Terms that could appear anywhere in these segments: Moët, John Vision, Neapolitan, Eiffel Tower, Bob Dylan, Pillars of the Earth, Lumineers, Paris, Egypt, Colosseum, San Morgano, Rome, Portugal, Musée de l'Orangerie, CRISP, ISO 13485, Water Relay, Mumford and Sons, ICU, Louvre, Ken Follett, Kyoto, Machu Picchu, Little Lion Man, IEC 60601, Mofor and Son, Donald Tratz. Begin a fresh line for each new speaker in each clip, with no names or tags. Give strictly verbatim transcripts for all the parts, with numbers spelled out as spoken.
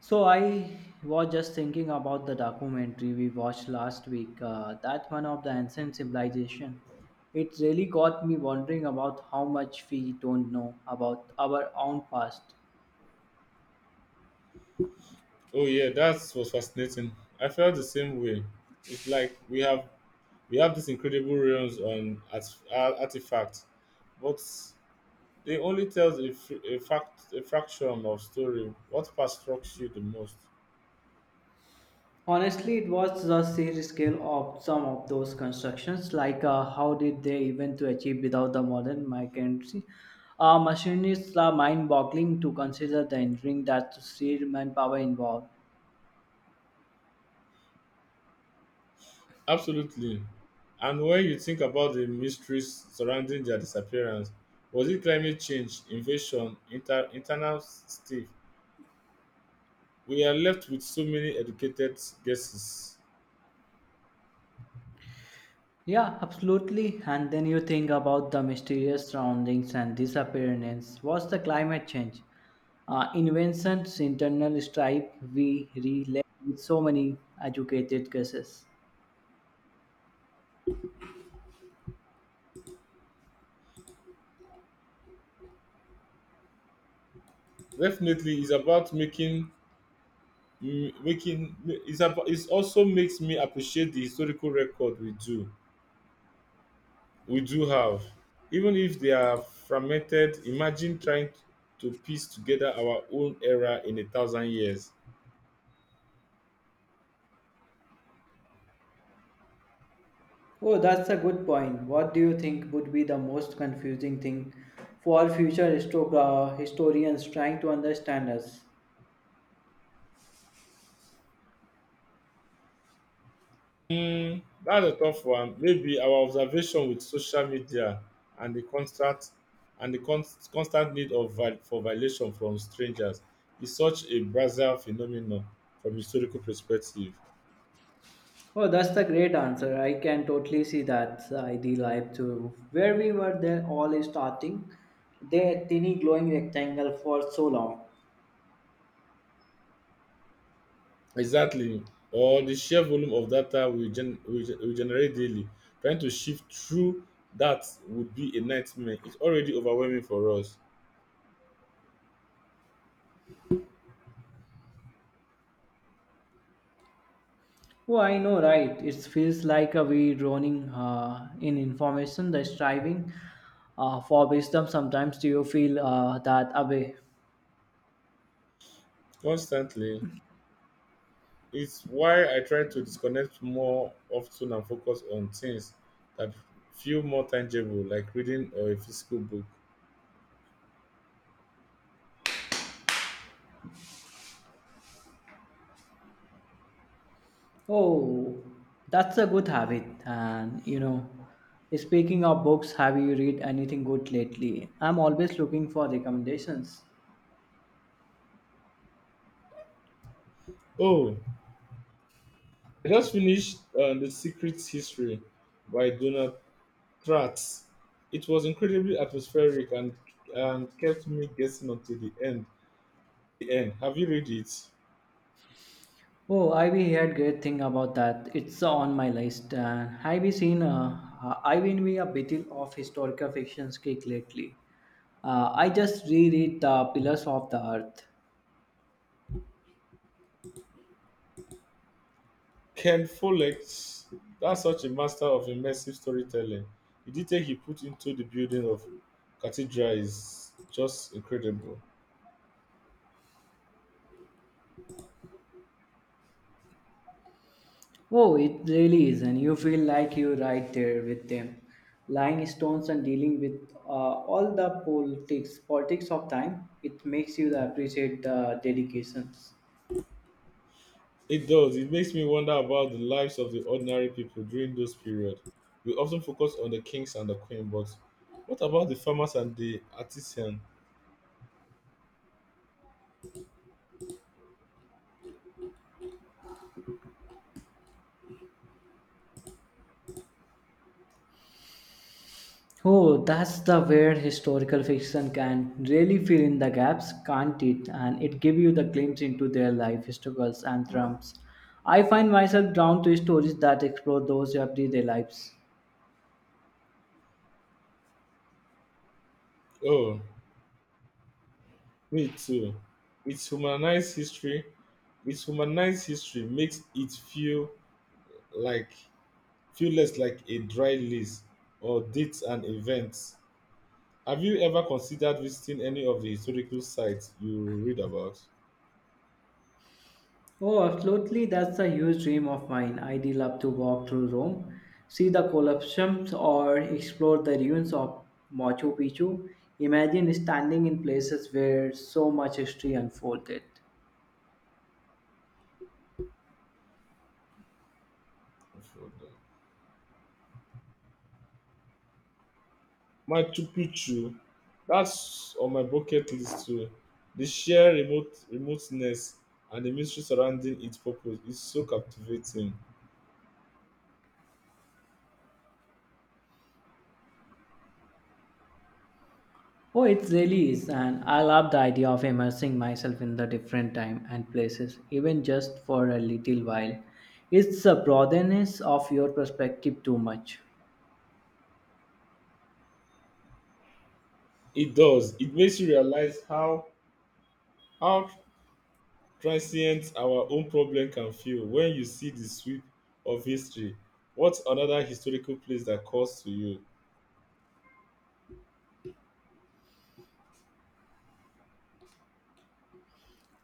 So I was just thinking about the documentary we watched last week. Uh, that one of the ancient civilization. It really got me wondering about how much we don't know about our own past.
Oh yeah, that was fascinating. I felt the same way. It's like we have we have these incredible realms on art, artifacts, but they only tell a, f- a fact a fraction of story. What part struck you the most?
Honestly, it was the sheer scale of some of those constructions. Like, uh, how did they even to achieve without the modern mechanism? Uh, machinists are mind-boggling to consider the engineering that sheer manpower involved.
Absolutely. And when you think about the mysteries surrounding their disappearance, was it climate change, invasion, inter- internal stuff? We are left with so many educated guesses.
Yeah, absolutely. And then you think about the mysterious surroundings and disappearance. What's the climate change? Uh, inventions, internal strife, we relate with so many educated guesses.
Definitely, it's about making Mm, making it's about it also makes me appreciate the historical record we do we do have, even if they are fragmented. Imagine trying to piece together our own era in a thousand years.
Oh, that's a good point. What do you think would be the most confusing thing for future histogra- historians trying to understand us?
Hmm, that's a tough one. Maybe our observation with social media and the constant and the const, constant need of vi- for violation from strangers is such a brazil phenomenon from historical perspective.
Oh, that's the great answer. I can totally see that uh, ideal life too. Where we were there all is starting, the tiny glowing rectangle for so long.
Exactly. Or the sheer volume of data we, gen- we, gen- we generate daily. Trying to shift through that would be a nightmare. It's already overwhelming for us.
Oh, I know, right? It feels like uh, we drowning uh, in information, the striving uh, for wisdom. Sometimes do you feel uh, that away?
Constantly. It's why I try to disconnect more often and focus on things that feel more tangible, like reading or a physical book.
Oh, that's a good habit. And you know, speaking of books, have you read anything good lately? I'm always looking for recommendations.
Oh, I just finished uh, The Secret History by Donald Tratz. It was incredibly atmospheric, and, and kept me guessing until the end. the end. Have you read it?
Oh, Ivy heard great thing about that. It's on my list. And have you seen? Uh, I've been a bit of historical fiction's kick lately. Uh, I just reread the Pillars of the Earth.
Ken Follett, that's such a master of immersive storytelling. The detail he put into the building of cathedral is just incredible.
Oh, it really is, and you feel like you're right there with them, lying stones and dealing with uh, all the politics, politics of time. It makes you appreciate the dedications.
It does. It makes me wonder about the lives of the ordinary people during those periods. We often focus on the kings and the queen, but what about the farmers and the artisan?
Oh, that's the where historical fiction can really fill in the gaps, can't it? And it give you the glimpse into their life, struggles, and triumphs. I find myself drawn to stories that explore those everyday lives.
Oh, me too. It's humanized history. It's humanized history makes it feel like feel less like a dry list or dates and events. Have you ever considered visiting any of the historical sites you read about?
Oh, absolutely, that's a huge dream of mine. I'd love to walk through Rome, see the Colosseum, or explore the ruins of Machu Picchu. Imagine standing in places where so much history unfolded.
Machu Picchu, that's on my bucket list too. The sheer remote remoteness and the mystery surrounding its purpose is so captivating.
Oh, it really is, and I love the idea of immersing myself in the different time and places, even just for a little while. It's the broadness of your perspective too much.
It does. It makes you realize how how transient our own problem can feel when you see the sweep of history. What's another historical place that calls to you?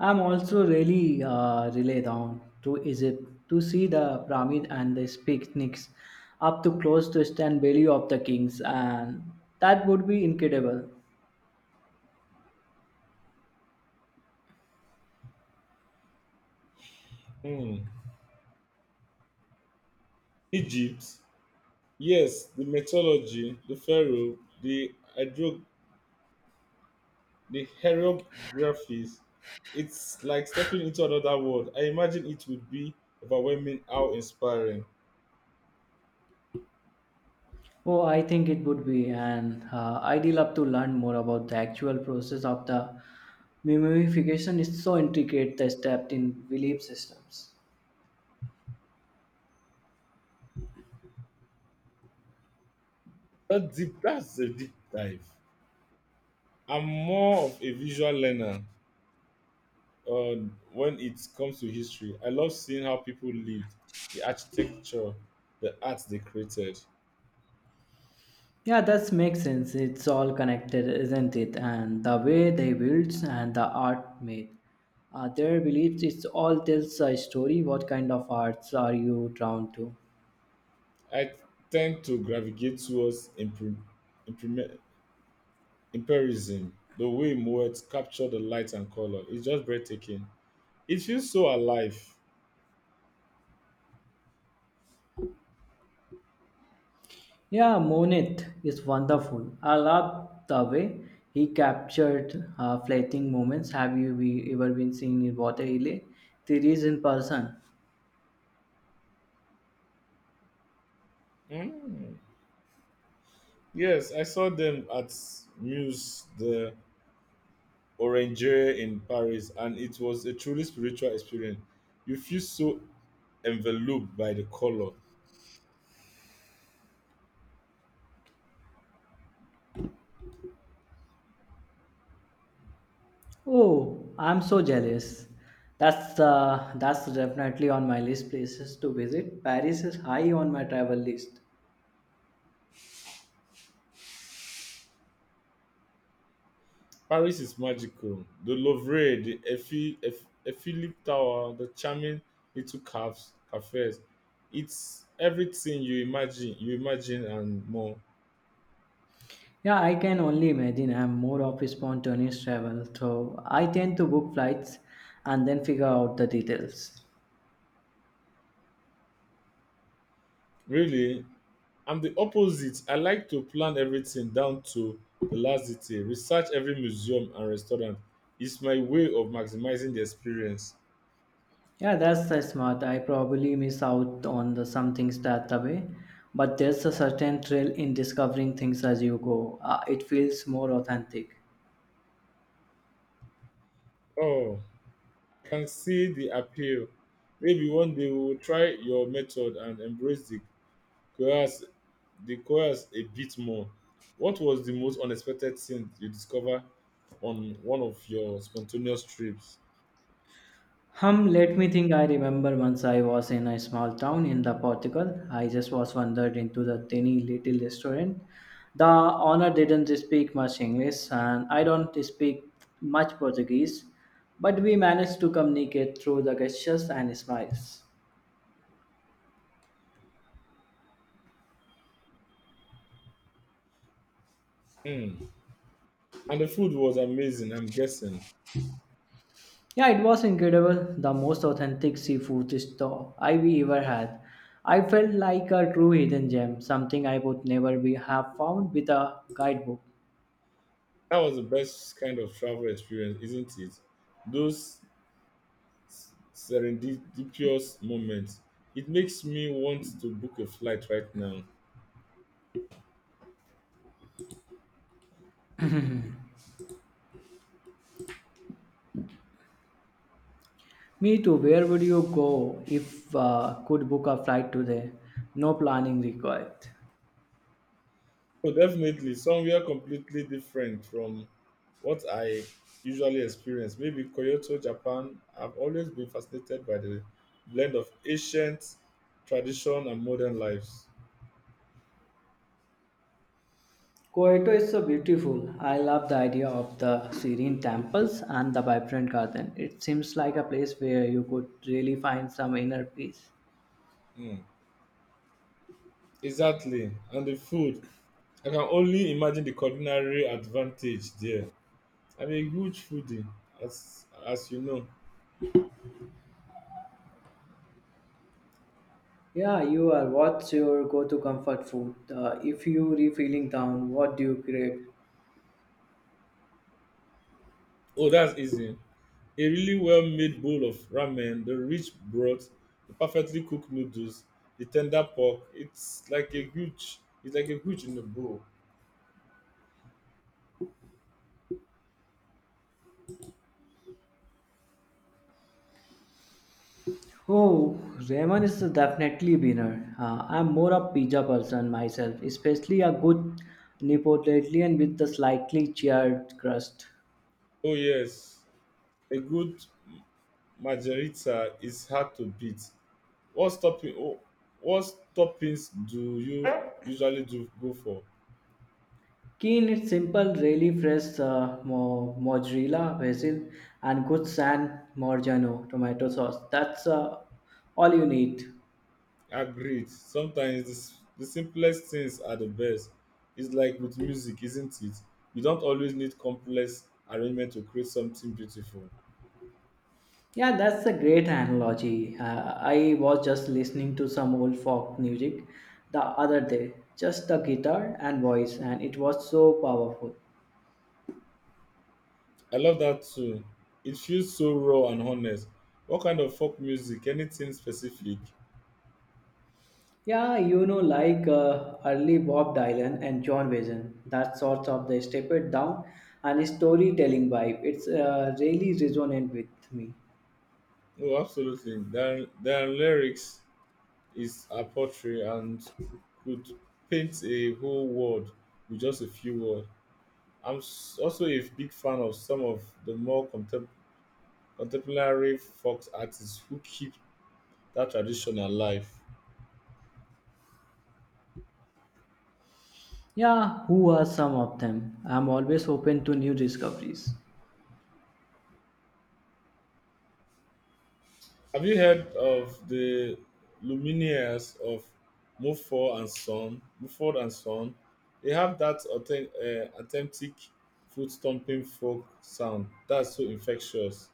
I'm also really uh, really down to Egypt to see the pyramid and the picnics, up to close to stand value of the kings, and that would be incredible.
Hmm. Egypt. Yes, the mythology, the pharaoh, the hydro the hieroglyphics, it's like stepping into another world. I imagine it would be overwhelming how inspiring.
Oh, I think it would be, and uh, I'd love to learn more about the actual process of the mummification. It's so intricate, the steps in belief systems.
That deep, that's a deep dive. I'm more of a visual learner. Uh, when it comes to history, I love seeing how people lived, the architecture, the art they created.
Yeah, that makes sense. It's all connected, isn't it? And the way they built and the art made. Uh, their beliefs, it's all tells a story. What kind of arts are you drawn to?
I tend to gravitate towards impre- Imperialism. The way Moet captured the light and color is just breathtaking. It feels so alive.
Yeah, Monit is wonderful. I love the way he captured uh, fleeting moments. Have you be, ever been seen in Water Relay series in person?
Mm. Yes, I saw them at Muse, the Orangerie in Paris, and it was a truly spiritual experience. You feel so enveloped by the color.
Oh, I'm so jealous. That's uh, that's definitely on my list places to visit. Paris is high on my travel list.
Paris is magical. The Louvre, the Eiffel Eiff- Eiffel Tower, the charming little cafes, cafes. It's everything you imagine, you imagine and more.
Yeah, I can only imagine. I'm more of a spontaneous travel, so I tend to book flights and then figure out the details.
Really, I'm the opposite. I like to plan everything down to the last detail, research every museum and restaurant. It's my way of maximizing the experience.
Yeah, that's the smart. I probably miss out on the some things that the way, but there's a certain thrill in discovering things as you go. Uh, it feels more authentic.
Oh, can see the appeal. Maybe one day we will try your method and embrace the course, the course a bit more. What was the most unexpected thing you discovered on one of your spontaneous trips?
Hum, let me think. I remember once I was in a small town in the Portugal. I just was wandered into the tiny little restaurant. The owner didn't speak much English, and I don't speak much Portuguese, but we managed to communicate through the gestures and smiles.
Hmm. And the food was amazing, I'm guessing.
Yeah, it was incredible. The most authentic seafood store I've ever had. I felt like a true hidden gem, something I would never be have found with a guidebook.
That was the best kind of travel experience, isn't it? Those serendipitous moments. It makes me want to book a flight right now.
Me too. Where would you go if uh, could book a flight today? No planning required.
Oh, definitely somewhere completely different from what I usually experience. Maybe Kyoto, Japan. I've always been fascinated by the blend of ancient tradition and modern lives.
Kyoto is so beautiful. I love the idea of the serene temples and the vibrant garden. It seems like a place where you could really find some inner peace.
Mm, exactly. And the food. I can only imagine the culinary advantage there. I'm a huge foodie, as as you know.
Yeah, you are. What's your go-to comfort food? Uh, if you are feeling down, what do you crave?
Oh, that's easy. A really well-made bowl of ramen, the rich broth, the perfectly cooked noodles, the tender pork. It's like a huge. It's like a huge in a bowl.
Oh, ramen is definitely winner. Uh, I'm more a pizza person myself, especially a good Neapolitan with the slightly charred crust.
Oh yes, a good margarita is hard to beat. What topping? Oh, what toppings do you usually do go for?
Keen, it's simple, really fresh uh, mo- mozzarella, basil, and good San Morgano tomato sauce. That's uh, all you need.
Agreed. Sometimes the, s- the simplest things are the best. It's like with music, isn't it? You don't always need complex arrangement to create something beautiful.
Yeah, that's a great analogy. Uh, I was just listening to some old folk music the other day, just the guitar and voice, and it was so powerful.
I love that too. It feels so raw and honest. What kind of folk music? Anything specific?
Yeah, you know, like uh, early Bob Dylan and John Vision, that sort of the step it down and storytelling vibe. It's uh, really resonant with me.
Oh, absolutely. Their, their lyrics is a poetry and could paint a whole world with just a few words. I'm s- also a big fan of some of the more contemporary contemporary folk artists who keep that tradition alive.
Yeah, who are some of them? I'm always open to new discoveries.
Have you heard of the Lumineers of Mofor and Son? Mofor and Son, they have that authen- eh, authentic foot stomping folk sound that's so infectious.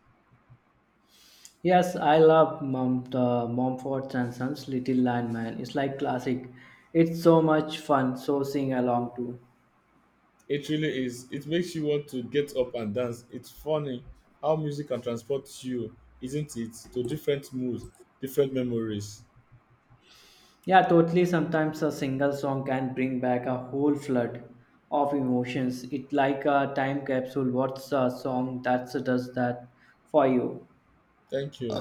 Yes, I love Mom, the Mumford and Sons Little Lion Man. It's like classic. It's so much fun, so sing along too.
It really is. It makes you want to get up and dance. It's funny how music can transport you, isn't it, to different moods, different memories.
Yeah, totally. Sometimes a single song can bring back a whole flood of emotions. It's like a time capsule. What's a song that does that for you?
Thank you.